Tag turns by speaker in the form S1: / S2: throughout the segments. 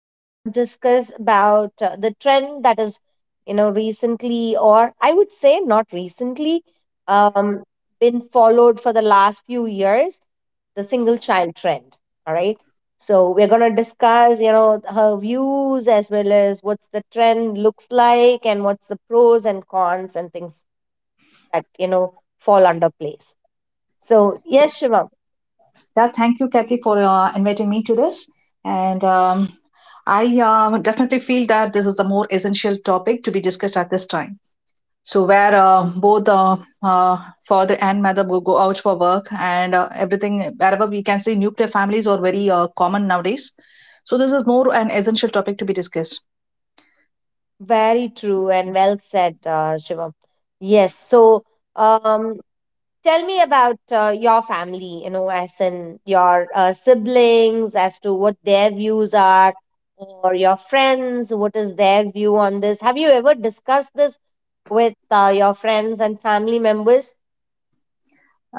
S1: we're going to discuss about the trend that is, you know, recently, or I would say not recently, um, been followed for the last few years, the single child trend. All right. So we're going to discuss, you know, her views as well as what's the trend looks like and what's the pros and cons and things that, you know, fall under place. So, yes, Shivam,
S2: Yeah, thank you, Kathy, for inviting me to this. And I definitely feel that this is a more essential topic to be discussed at this time. So, where both uh, father and mother will go out for work and everything, wherever we can see, nuclear families are very common nowadays. So, this is more an essential topic to be discussed.
S1: very true and well said, Shivam. Yes, so, um, Tell me about your family, you know, as in your siblings, as to what their views are, or your friends, what is their view on this? Have you ever discussed this with your friends and family members?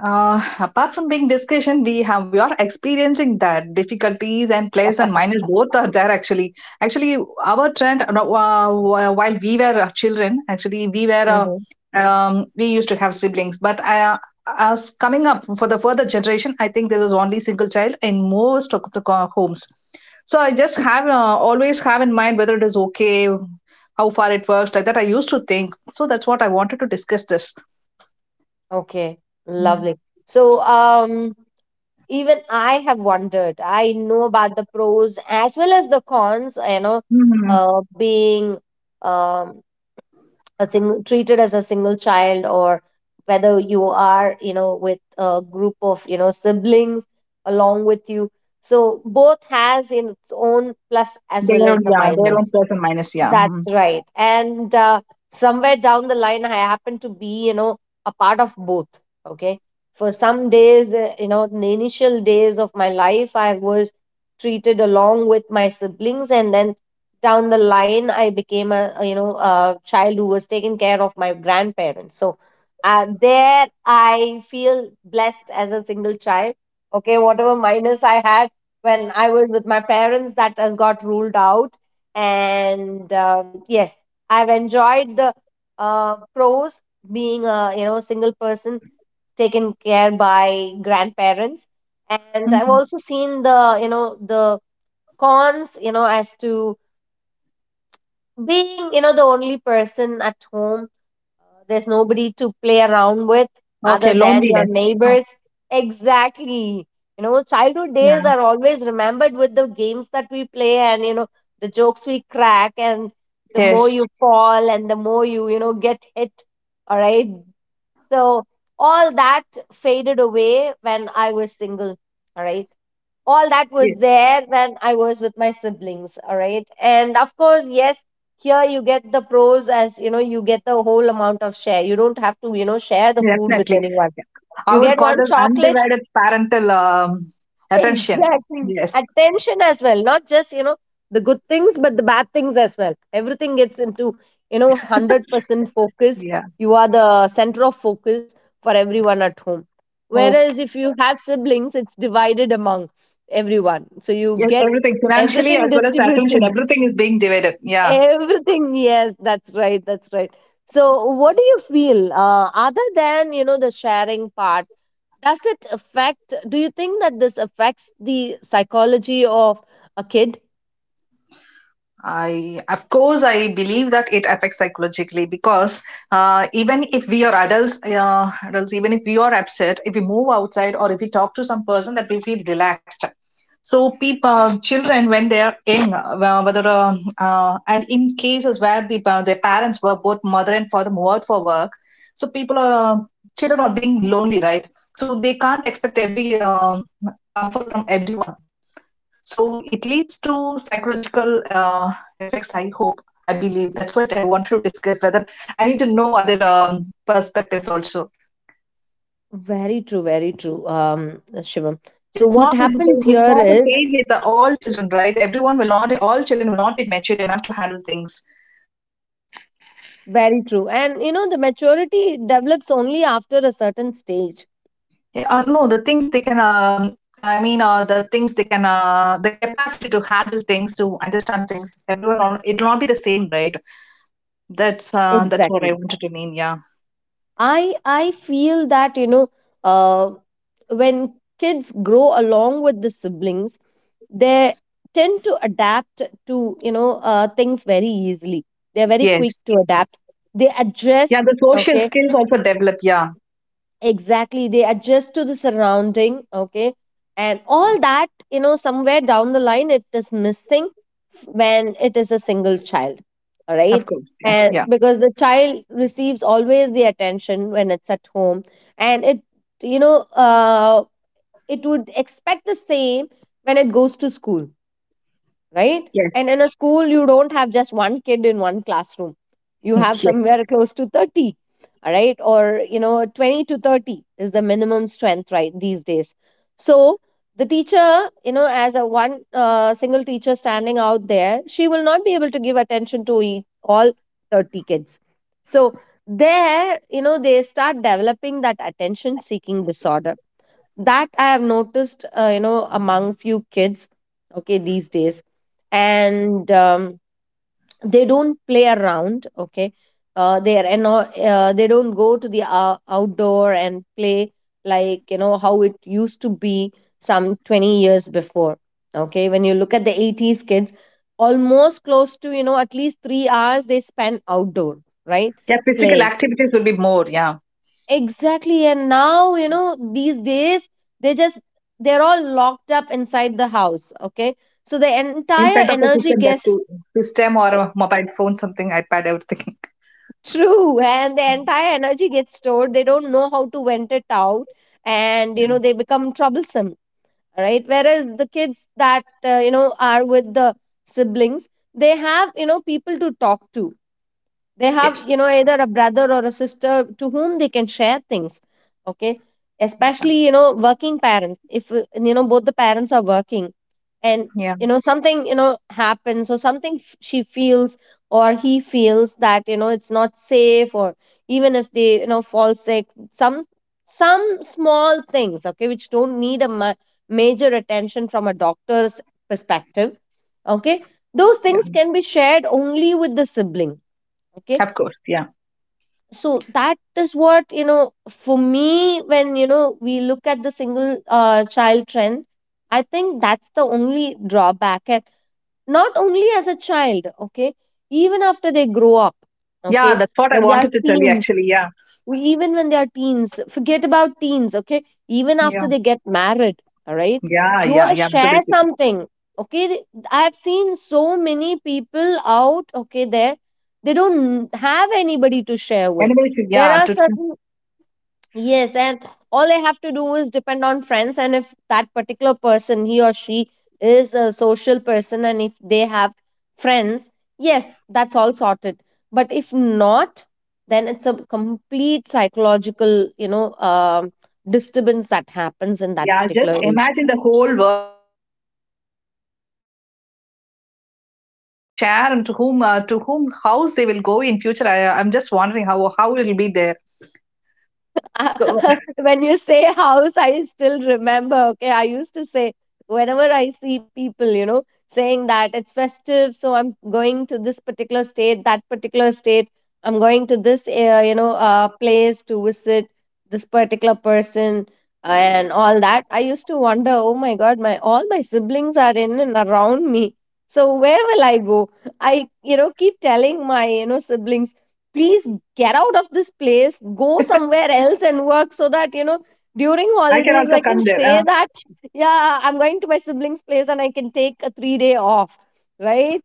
S2: Apart from being discussion, we are experiencing that difficulties and plus and minus both are there actually. Actually, our trend no, wh- while we were children, actually
S1: Hmm.
S2: we used to have siblings, but as coming up for the further generation, I think there is only single child in most of the homes. So I just have always have in mind whether it is okay, how far it works, like that. I used to think so. That's what I wanted to discuss this.
S1: Okay, lovely. So, even I have wondered, I know about the pros as well as the cons, you know,
S2: Mhm.
S1: being um, a single, treated as a single child, or whether you are, you know, with a group of, you know, siblings along with you, so both has in its own plus as well as the
S2: Yeah, their own
S1: minus.
S2: plus and minus, yeah.
S1: That's
S2: Mhm.
S1: right. And somewhere down the line, I happen to be, you know, a part of both. Okay. For some days, you know, in the initial days of my life, I was treated along with my siblings. And then down the line, I became a, you know, a child who was taken care of my grandparents. So there I feel blessed as a single child. Okay. Whatever minus I had when I was with my parents, that has got ruled out, and yes, I've enjoyed the pros, being a, you know, single person taken care by grandparents, and I've
S2: Mhm.
S1: also seen the, you know, the cons, you know, as to being, you know, the only person at home. Uh, there's nobody to play around with other
S2: Okay,
S1: than your
S2: loneliness. Oh,
S1: neighbors. Exactly. You know, childhood days
S2: yeah.
S1: are always remembered with the games that we play, and, you know, the jokes we crack, and the more
S2: Yes,
S1: you fall and the more you, you know, get hit. All right. So all that faded away when I was single. All right, all that was
S2: yes,
S1: there when I was with my siblings. All right. And of course, yes, here you get the pros, as you know, you get the whole amount of share. You don't have to, you know, share the food with
S2: definitely.
S1: anyone.
S2: I
S1: You
S2: would
S1: get
S2: call
S1: one
S2: this
S1: chocolate.
S2: undivided parental attention.
S1: Exactly.
S2: Yes,
S1: Attention as well, not just, you know, the good things, but the bad things as well. Everything gets into, you know, 100% focus.
S2: yeah.
S1: You are the center of focus for everyone at home.
S2: Okay.
S1: Whereas if you have siblings, it's divided among everyone. So you
S2: Yes,
S1: get
S2: everything financially
S1: everything
S2: as well as the attention,
S1: distributed.
S2: everything is being divided. Yeah.
S1: Everything, yes, that's right, that's right. So what do you feel other than, you know, the sharing part? Does it affect, do you think that this affects the psychology of a kid?
S2: Of course, I believe that it affects psychologically because even if we are adults, even if we are upset, if we move outside or if we talk to some person, that we feel relaxed. So, people, children, when they are young, whether and in cases where their parents were both mother and father moved out for work, so people are children are being lonely, right? So they can't expect every comfort from everyone, so it leads to psychological effects, I hope. I believe that's what I wanted to discuss. Whether I need to know other perspectives also.
S1: Very true, Shivam. So
S2: It's
S1: what
S2: not the
S1: happens
S2: same. It's
S1: here
S2: not the
S1: is
S2: same with the all children, right? Everyone will not. All children will not be mature enough to handle things.
S1: very true. And you know, the maturity develops only after a certain stage.
S2: Yeah, no, the things they can. I mean, the things they can. The capacity to handle things, to understand things. Everyone, it will not be the same, right? That's what I
S1: Exactly.
S2: wanted to mean. Yeah.
S1: I feel that, you know, uh, when kids grow along with the siblings, they tend to adapt to, you know, things very easily. They're very quick
S2: Yes.
S1: to adapt, they
S2: Yeah,
S1: adjust,
S2: the social
S1: okay.
S2: skills also develop. Yeah.
S1: Exactly, they adjust to the surrounding, okay, and all that, you know, somewhere down the line it is missing when it is a single child, all
S2: Of
S1: right.
S2: course. Yeah.
S1: And
S2: Yeah.
S1: because the child receives always the attention when it's at home, and it, you know, it would expect the same when it goes to school, right? And in a school, you don't have just one kid in one classroom. You have
S2: Yes. yeah.
S1: somewhere close to 30, all right? Or, you know, 20 to 30 is the minimum strength, right, these days. So the teacher, you know, as a one single teacher standing out there, she will not be able to give attention to all 30 kids. So there, you know, they start developing that attention seeking disorder that I have noticed, you know, among few kids, okay, these days. And they don't play around, okay. Uh, they are and uh, they don't go to the outdoor and play, like, you know, how it used to be some 20 years before, okay. When you look at the 80s kids, almost close to, you know, at least 3 hours they spend outdoor, right,
S2: Yeah. Physical
S1: playing.
S2: activities will be more. Yeah.
S1: Exactly. And now, you know, these days, they just, they're all locked up inside the house. Okay. So the
S2: In
S1: entire
S2: front of a
S1: energy
S2: system that
S1: gets
S2: too. System or a mobile phone, something, iPad, everything.
S1: true. And the entire energy gets stored. They don't know how to vent it out. And, you know, they become troublesome. Right. Whereas the kids that, you know, are with the siblings, they have, you know, people to talk to. They
S2: yes.
S1: have, you know, either a brother or a sister to whom they can share things, okay,
S2: Yeah.
S1: especially, you know, working parents, if you know, both the parents are working, and
S2: Yeah.
S1: you know, something, you know, happens, or something she feels or he feels that, you know, it's not safe, or even if they, you know, fall sick, some small things, okay, which don't need a major attention from a doctor's perspective, okay, those
S2: Yeah.
S1: things can be shared only with the sibling, okay.
S2: Of course. Yeah.
S1: So that is what, you know, for me, when, you know, we look at the single child trend, I think that's the only drawback. And not only as a child, okay, even after they grow up,
S2: Yeah.
S1: okay,
S2: That's what I
S1: when they are
S2: wanted to tell you,
S1: teens,
S2: actually. Yeah.
S1: even when they are teens, forget about teens, okay, even after
S2: Yeah.
S1: they get married, all right,
S2: Yeah.
S1: you want
S2: Yeah.
S1: to
S2: Yeah.
S1: share
S2: Absolutely.
S1: something, okay. I have seen so many people out, okay, there, they don't have anybody to share with.
S2: Anyway, should.
S1: There
S2: Yeah.
S1: are
S2: To,
S1: certain, yes, and all I have to do is depend on friends. And if that particular person, he or she, is a social person and if they have friends, yes, that's all sorted. But if not, then it's a complete psychological, you know, um, disturbance that happens in that
S2: yeah.
S1: particular
S2: Just
S1: age.
S2: imagine the whole world, everyone being a single child. Then who, to whom they will share, and to whom house they will go in future. I'm just wondering how it will be there. So
S1: When you say house, I still remember. Okay, I used to say, whenever I see people, you know, saying that it's festive, so I'm going to this particular state, that particular state, I'm going to this, you know, place to visit this particular person and all that. I used to wonder, oh my God, my all my siblings are in and around me. So where will I go? I, you know, keep telling my, you know, siblings, please, get out of this place, go somewhere else and work, so that, you know, during
S2: I can
S1: holidays
S2: also
S1: I can
S2: come there.
S1: say that, yeah, I'm going to my siblings place, and I can take a 3-day off, right?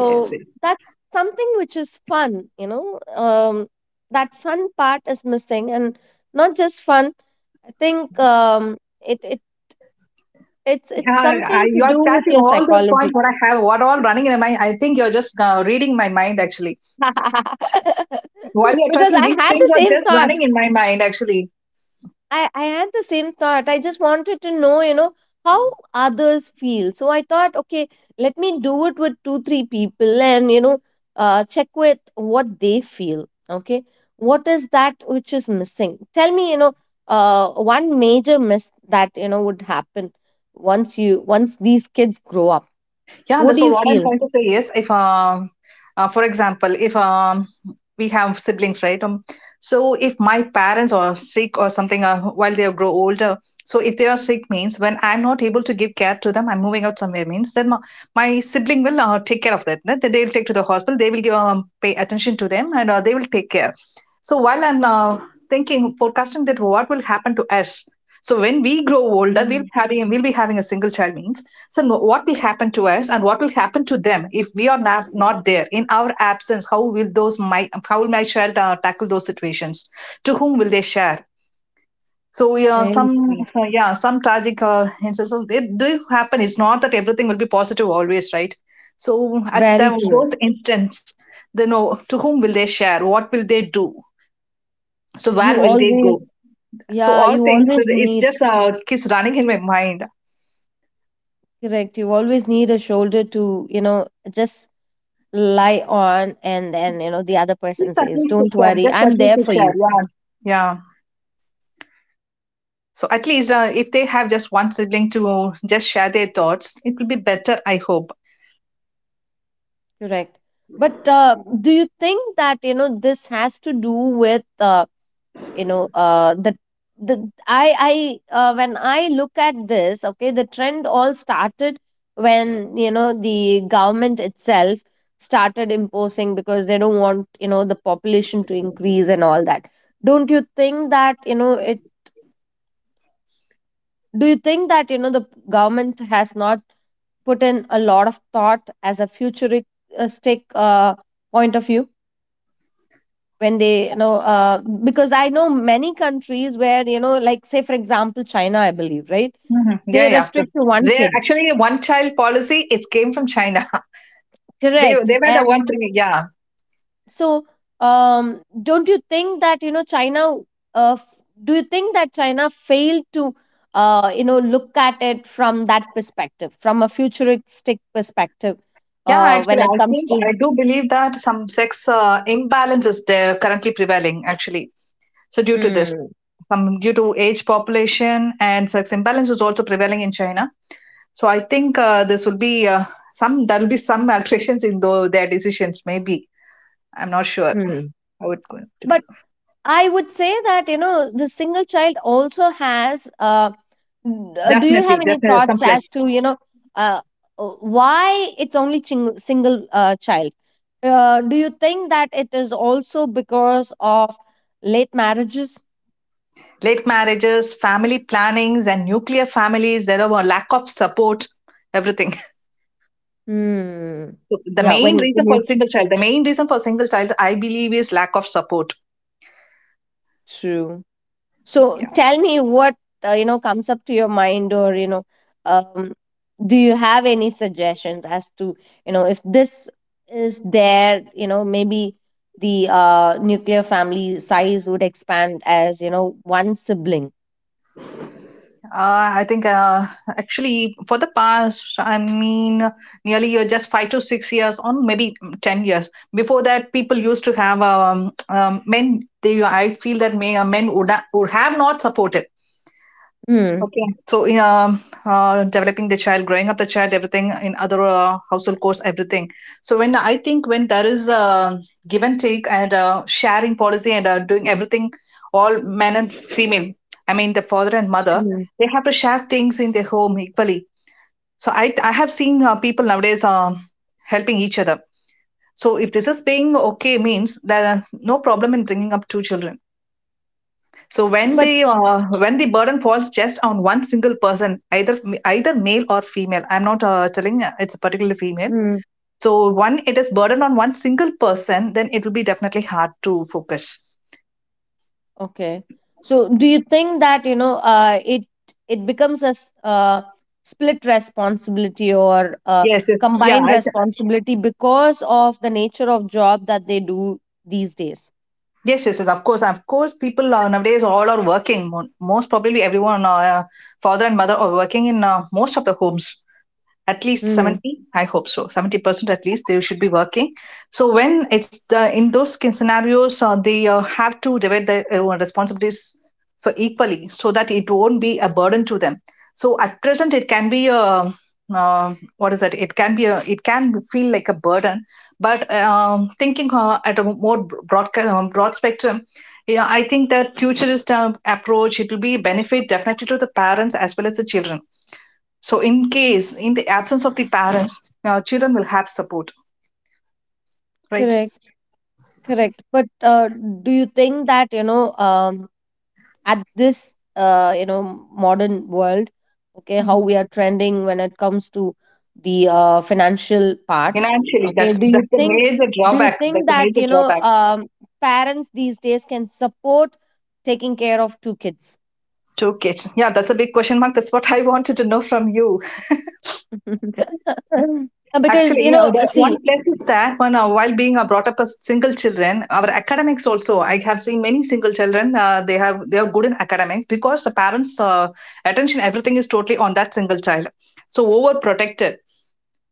S2: Yes.
S1: that's something which is fun, you know, that fun part is missing. And not just fun, I think, it, it it's
S2: Yeah,
S1: it's something to
S2: you are
S1: do with
S2: catching
S1: your
S2: all those points
S1: psychology.
S2: what I have, what all running in my mind. I think you're just reading my mind actually. While you're
S1: Because
S2: talking,
S1: I
S2: these
S1: had
S2: things
S1: the
S2: are
S1: same
S2: just running
S1: thought.
S2: in my mind actually.
S1: I had the same thought. I just wanted to know, you know, how others feel. So I thought, okay, let me do it with two, three people and, you know, check with what they feel. Okay. What is that which is missing? Tell me, you know, one major miss that, you know, would happen once you, once these kids grow up.
S2: Yeah,
S1: What
S2: that's
S1: do you
S2: what I'm
S1: feel?
S2: trying to say, if for example, if we have siblings, right? So if my parents are sick or something, while they grow older, so if they are sick means when I'm not able to give care to them, I'm moving out somewhere means then my sibling will take care of that. That they will take to the hospital. They will give pay attention to them and they will take care. So while I'm thinking, forecasting that what will happen to us, so when we grow older,
S1: Mm,
S2: we'll be having a single child means. So what will happen to us, and what will happen to them if we are not there in our absence? How will my child tackle those situations? To whom will they share? So yeah,
S1: very
S2: some
S1: true.
S2: so, yeah, some tragic instances they do happen. It's not that everything will be positive always, right? So at
S1: Very true.
S2: those instants, they know to whom will they share? What will they do? So where
S1: You
S2: will they go?
S1: always,
S2: So
S1: yeah,
S2: all
S1: you
S2: things,
S1: always
S2: it
S1: need,
S2: just keeps running in my mind.
S1: correct. You always need a shoulder to, you know, just lie on, and then, you know, the other person
S2: Just at
S1: says,
S2: least to
S1: Don't
S2: share,
S1: worry,
S2: just
S1: I'm
S2: at least
S1: there
S2: to
S1: for
S2: share,
S1: you.
S2: yeah. Yeah. So at least if they have just one sibling to just share their thoughts, it will be better, I hope.
S1: Correct. But do you think that, you know, this has to do with you know, the I when I look at this, okay, the trend all started when, you know, the government itself started imposing, because they don't want, you know, the population to increase and all that. Don't you think that, you know, it, do you think that, you know, the government has not put in a lot of thought as a futuristic point of view, when they, you know, because I know many countries where, you know, like, say for example, China, I believe, right,
S2: Mhm. Yeah,
S1: they
S2: yeah. Because-
S1: restrict to one
S2: there
S1: kid.
S2: actually one child policy, it came from China. They
S1: Correct.
S2: they were the one
S1: And
S2: thing, yeah.
S1: so, um, don't you think that, you know, China, uh, f- do you think that China failed to, you know, look at it from that perspective, from a futuristic perspective,
S2: Yeah, actually,
S1: when it
S2: I
S1: comes
S2: think
S1: to,
S2: I do believe that some sex imbalance is there currently prevailing, actually. So due to this,
S1: mm,
S2: due to age population and sex imbalance is also prevailing in China. So I think this will be some there will be some alterations in though their decisions. Maybe I'm not sure
S1: mm.
S2: how it's going to be.
S1: I would say that, you know, the single child also has, do you have
S2: Definitely,
S1: any
S2: definitely,
S1: thoughts as
S2: someplace.
S1: to, you know, uh, why it's only single child? Do you think that it is also because of late marriages?
S2: Late marriages, family plannings, and nuclear families. There are a lack of support. Everything.
S1: Hmm. Yeah, when, when it's
S2: The main reason for single child, I believe, is lack of support.
S1: true. So
S2: Yeah.
S1: tell me what comes up to your mind, or um, do you have any suggestions as to if this is there, maybe the nuclear family size would expand as one sibling.
S2: I think actually for the past, I mean, nearly you're just 5 to 6 years or maybe 10 years. Before that, people used to have men. I feel that men would have not supported.
S1: Hmm.
S2: Okay. So in developing the child, growing up the child, everything in other household course, everything. So when I think when there is a give and take and sharing policy and doing everything, all men and female, I mean the father and mother,
S1: Hmm.
S2: they have to share things in their home equally. So I have seen people nowadays helping each other. So if this is being okay means there are no problem in bringing up two children, so
S1: But.
S2: when the burden falls just on one single person, either male or female. I'm not telling it's a particular female. So when it is burdened on one single person, then it will be definitely hard to focus.
S1: Okay. So do you think that, it becomes a split responsibility or a
S2: Yes, yes, yeah.
S1: combined responsibility because of the nature of job that they do these days?
S2: Yes, yes, yes. Of course, people nowadays all are working. Most probably, everyone, father and mother, are working in most of the homes. At least
S1: Hmm.
S2: 70, I hope so. 70% at least, they should be working. So when it's the in those skin scenarios, they have to divide the responsibilities so equally so that it won't be a burden to them. So at present, it can be a, what is that it can feel like a burden, but thinking at a more broad spectrum. I think that futurist approach it will be benefit definitely to the parents as well as the children. So, in case, in the absence of the parents, our children will have support, right?
S1: Correct, correct. But do you think that, at this modern world, okay, how
S2: Mhm.
S1: we are trending when it comes to the financial part?
S2: Financially,
S1: Okay,
S2: that's
S1: do you
S2: that's a
S1: think
S2: major
S1: do you
S2: drawback. That's
S1: think
S2: a
S1: that
S2: major drawback
S1: parents these days can support taking care of two kids?
S2: to kids. Yeah, that's a big question mark. That's what I wanted to know from you.
S1: Because
S2: Actually, the
S1: see.
S2: one place is that when, while being brought up as single children, our academics also. I have seen many single children. They are good in academics because the parents' attention, everything is totally on that single child. So overprotected,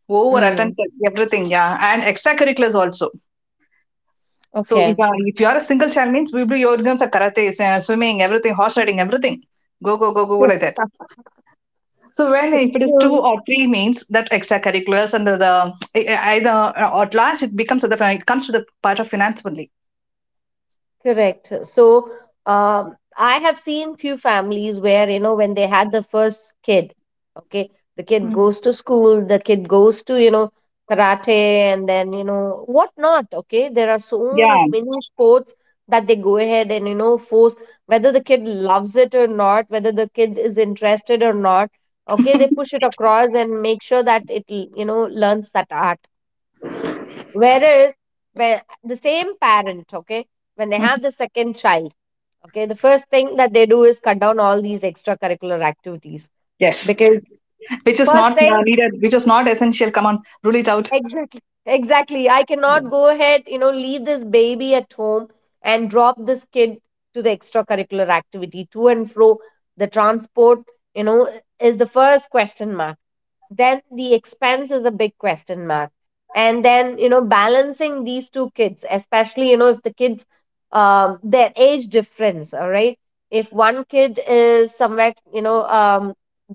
S2: over
S1: Mm,
S2: attentive, everything. Yeah, and extracurriculars also. So if,
S1: okay.
S2: uh, if you are a single child means we will be you're going for karate, swimming, everything, horse riding, everything. Go, go, go, go, go, like that. So when if it is two
S1: So,
S2: or three means that extracurriculars and the, either, or at last it comes to the part of finance only.
S1: correct. So, I have seen few families where when they had the first kid, okay, the kid
S2: Mm.
S1: goes to school, the kid goes to karate, and then what not, okay? There are so
S2: Yeah.
S1: many sports that they go ahead and force, whether the kid loves it or not, whether the kid is interested or not, okay, they push it across and make sure that it learns that art. Whereas, where the same parent, okay, when they
S2: Mm.
S1: have the second child, okay, the first thing that they do is cut down all these extracurricular activities
S2: Yes.
S1: because,
S2: Which is
S1: first
S2: not
S1: thing,
S2: needed. Which is not essential. Come on, rule it out.
S1: exactly, exactly, I
S2: Yeah.
S1: cannot go ahead, leave this baby at home and drop this kid to the extracurricular activity to and fro. The transport, you know, is the first question mark. Then the expense is a big question mark, and then balancing these two kids, especially if the kids, their age difference, all right, if one kid is somewhere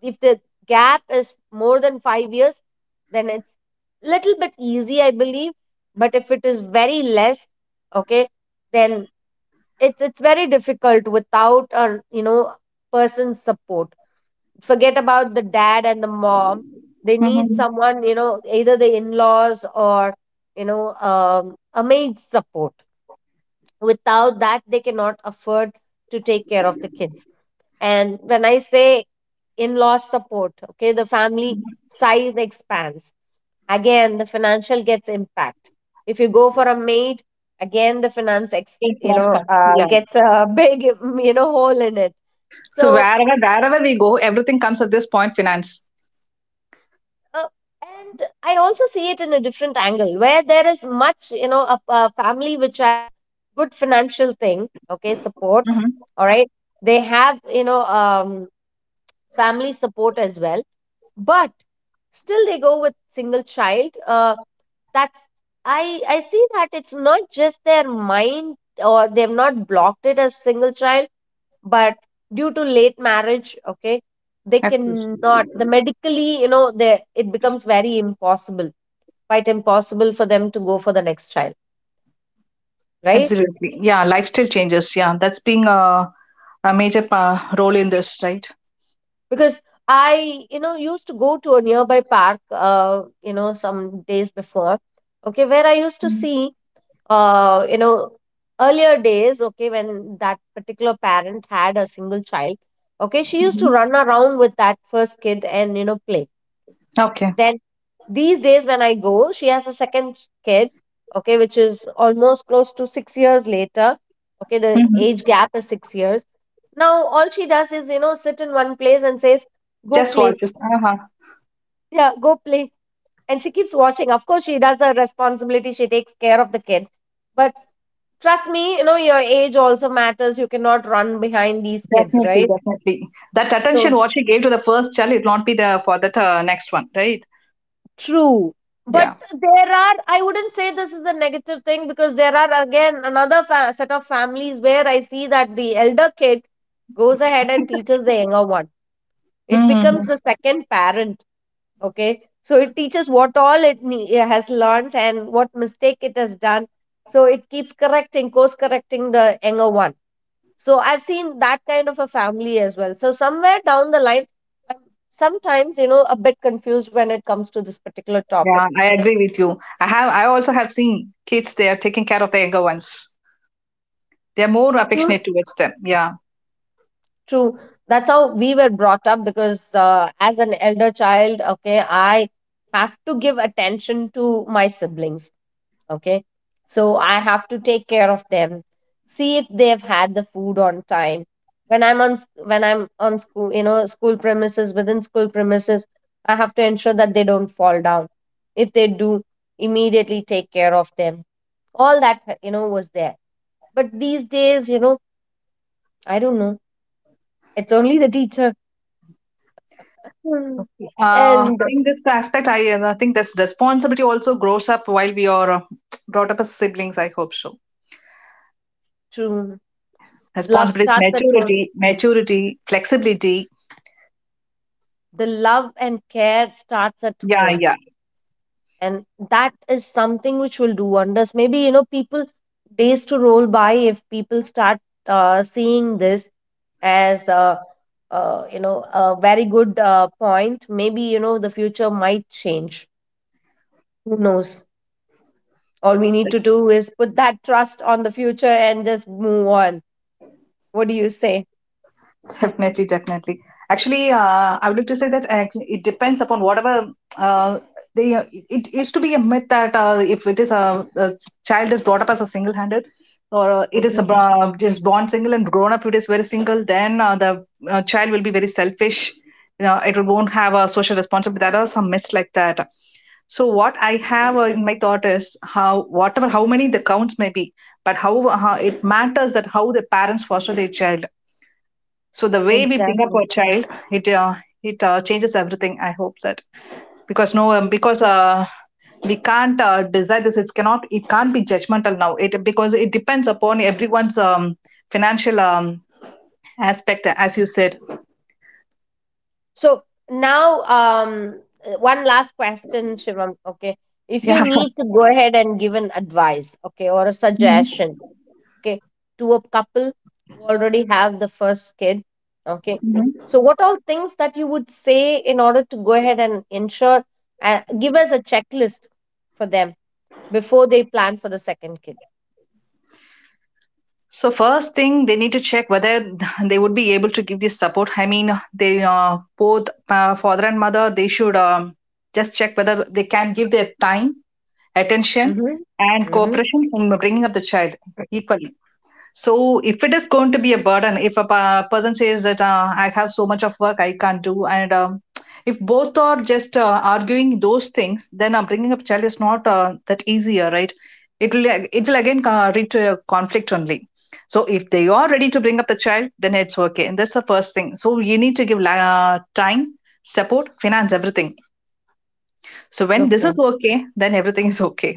S1: if the gap is more than 5 years, then it's little bit easy, I believe. But if it is very less, okay, then it's very difficult without a person's support. Forget about the dad and the mom, they need
S2: Hmm.
S1: someone, either the in-laws or a maid support. Without that they cannot afford to take care of the kids. And when I say in-law support, okay, the family size expands, again the financial gets impact. If you go for a maid, again the finance
S2: Yes, finance comes. Yeah.
S1: gets a big hole in it.
S2: So
S1: So,
S2: wherever we go, everything comes at this point. Finance.
S1: uh, and I also see it in a different angle, where there is much a family which has good financial thing, okay, support,
S2: Mm-hmm.
S1: all right. They have family support as well. But still they go with single child, that's, I see that it's not just their mind or they've not blocked it as single child. But due to late marriage, okay, they
S2: Of course.
S1: cannot, the medically they it becomes very impossible, quite impossible for them to go for the next child, right?
S2: Absolutely. Yeah, lifestyle changes. Yeah, that's being a major role in this, right?
S1: Because I used to go to a nearby park, some days before, okay, where I used to see, uh, you know earlier days, okay, when that particular parent had a single child, okay, she used to
S2: Mm-hmm.
S1: run around with that first kid and play
S2: Okay.
S1: then. These days, when I go, she has a second kid, okay, which is almost close to 6 years later. Okay, the
S2: Hmm.
S1: age gap is 6 years. Now, all she does is, sit in one place and says, go
S2: Just
S1: play.
S2: watches. Uh-huh.
S1: Yeah, go play. And she keeps watching. Of course, she does her responsibility. She takes care of the kid. But trust me, your age also matters. You cannot run behind these kids,
S2: Definitely,
S1: right?
S2: definitely. That
S1: So
S2: attention what she gave to the first child, it will not be there for that next one, right?
S1: true. But
S2: Yeah.
S1: there are, I wouldn't say this is the negative thing because there are again another fa set of families where I see that the elder kid goes ahead and teaches the younger one. It becomes
S2: Hmm.
S1: the second parent. Okay. So it teaches what all it has learned and what mistake it has done. So it keeps correcting, course correcting the younger one. So I've seen that kind of a family as well. So somewhere down the line, I'm sometimes, a bit confused when it comes to this particular topic.
S2: Yeah, I agree with you. I have. I also have seen kids. They are taking care of the younger ones. They are more affectionate towards them. Yeah.
S1: True. That's how we were brought up because, as an elder child, okay, I have to give attention to my siblings, okay? So I have to take care of them, see if they've had the food on time. When I'm on school, school premises, within school premises, I have to ensure that they don't fall down. If they do, immediately take care of them. All that, was there. But these days, I don't know. It's only the teacher. Hmm.
S2: I
S1: And
S2: think this aspect, I think this responsibility also grows up while we are brought up as siblings. I hope so.
S1: true. Love
S2: Responsibility,
S1: starts at home.
S2: maturity, flexibility.
S1: The love and care starts at
S2: Yeah,
S1: home.
S2: yeah.
S1: And that is something which will do wonders. Maybe, people, days to roll by if people start, seeing this as, a very good point. Maybe, the future might change. Who knows? All we need to do is put that trust on the future and just move on. What do you say?
S2: Definitely, definitely. Actually, I would like to say that actually it depends upon whatever they. It used to be a myth that if it is a child is brought up as a single-handed, or it is
S1: Hmm.
S2: just born single and grown up it is very single, then the child will be very selfish. You know, it won't have a social responsibility. There are some myths like that. So what I have in my thought is how whatever how many the counts may be, but how it matters that how the parents foster their child, so the way we bring up
S1: Exactly.
S2: our child, it changes everything. I hope that, because we can't decide this. It cannot. It can't be judgmental now. It, because it depends upon everyone's financial aspect, as you said.
S1: So now, one last question, Shivam. Okay, if you
S2: Yeah.
S1: need to go ahead and give an advice, okay, or a
S2: Mhm.
S1: suggestion, okay, to a couple who already have the first kid, okay,
S2: Mhm.
S1: so what all things that you would say in order to go ahead and ensure, give us a checklist for them before they plan for the second kid.
S2: So first thing, they need to check whether they would be able to give this support. I mean, they both father and mother, they should just check whether they can give their time, attention,
S1: Mm-hmm.
S2: and
S1: Mm-hmm.
S2: cooperation in bringing up the child equally. So, if it is going to be a burden, if person says that I have so much of work I can't do, and if both are just arguing those things, then bringing up child is not that easier, right? It will again lead to a conflict only. So if they are ready to bring up the child, then it's okay, and that's the first thing. So you need to give time, support, finance, everything. So when this
S1: Okay.
S2: is okay, then everything is okay.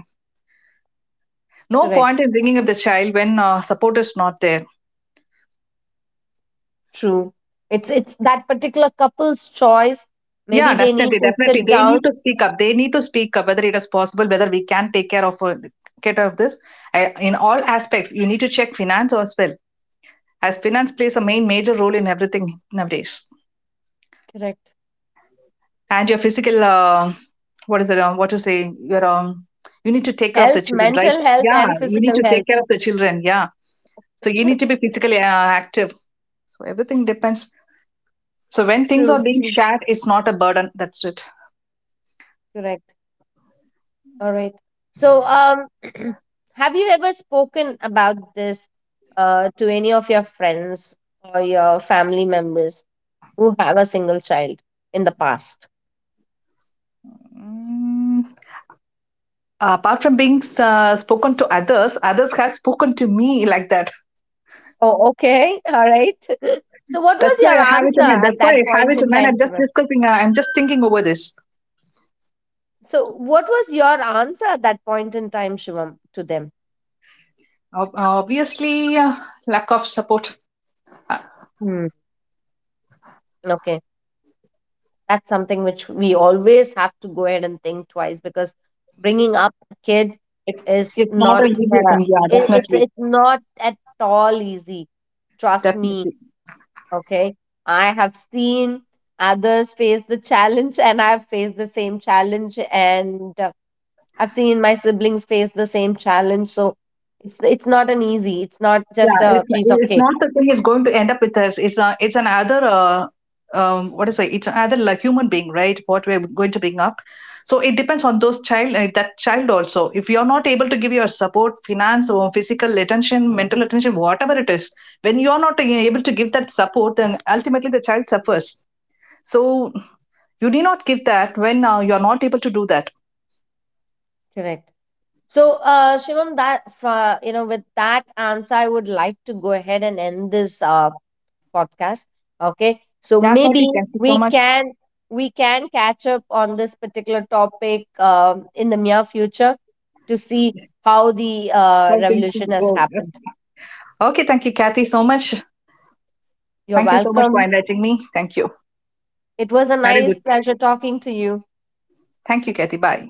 S2: No point
S1: Correct.
S2: in bringing up the child when support is not there.
S1: True. It's that particular couple's choice.
S2: Yeah,
S1: Maybe they need
S2: definitely,
S1: to sit
S2: definitely. They need
S1: down.
S2: to speak up. They need to speak up whether it is possible, whether we can take care of care of this. I, in all aspects, you need to check finance as well, as finance plays a main major role in everything nowadays.
S1: Correct.
S2: And your physical, what is it? What you say? You need to take care of the
S1: Health,
S2: children, right?
S1: mental health,
S2: Yeah,
S1: and
S2: you need
S1: physical
S2: to
S1: health.
S2: take care of the children. Yeah, so you need to be physically active. So everything depends. So when things
S1: True.
S2: are being
S1: True.
S2: shared, it's not a burden. That's it.
S1: Correct. All right. So, have you ever spoken about this, to any of your friends or your family members who have a single child in the past?
S2: Mm, apart from being spoken to others, others have spoken to me like that.
S1: Oh, okay. All right. So, what
S2: That's
S1: was
S2: why
S1: your
S2: I have it
S1: answer
S2: in mind.
S1: at
S2: That's why I
S1: that
S2: have
S1: point
S2: it
S1: in
S2: in mind.
S1: time,
S2: I'm just
S1: Shivam?
S2: discussing. I'm just thinking over this.
S1: So, what was your answer at that point in time, Shivam, to them?
S2: Obviously, lack of support. Uh,
S1: Hmm. Okay. That's something which we always have to go ahead and think twice because bringing up a kid
S2: It,
S1: is
S2: it's
S1: not,
S2: not an easy
S1: uh,
S2: thing. Yeah,
S1: it, it's
S2: definitely,
S1: it's not at all easy, trust me,
S2: definitely.
S1: okay. I have seen others face the challenge, and I've faced the same challenge, and I've seen my siblings face the same challenge. So it's not just
S2: Yeah,
S1: a
S2: it's
S1: piece of
S2: it's
S1: cake.
S2: not, the thing is going to end up with us. It's another what is it? It's another like human being, right? What we're going to bring up. So it depends on those child that child also. If you're not able to give your support, finance, or physical attention, mental attention, whatever it is, when you're not able to give that support, then ultimately the child suffers. So you need not give that when you're not able to do that.
S1: Correct. So, Shivam, that with that answer, I would like to go ahead and end this podcast. Okay. So
S2: Yeah,
S1: maybe
S2: Kathy, thank you so
S1: we
S2: much.
S1: can we can catch up on this particular topic in the near future, to see how the
S2: How things
S1: revolution has
S2: go.
S1: happened.
S2: Okay, thank you, Kathy, so much.
S1: You're
S2: Thank you so much for
S1: welcome.
S2: inviting me. Thank you.
S1: It was a
S2: Have a
S1: nice
S2: good day.
S1: pleasure talking to you.
S2: Thank you, Kathy. Bye.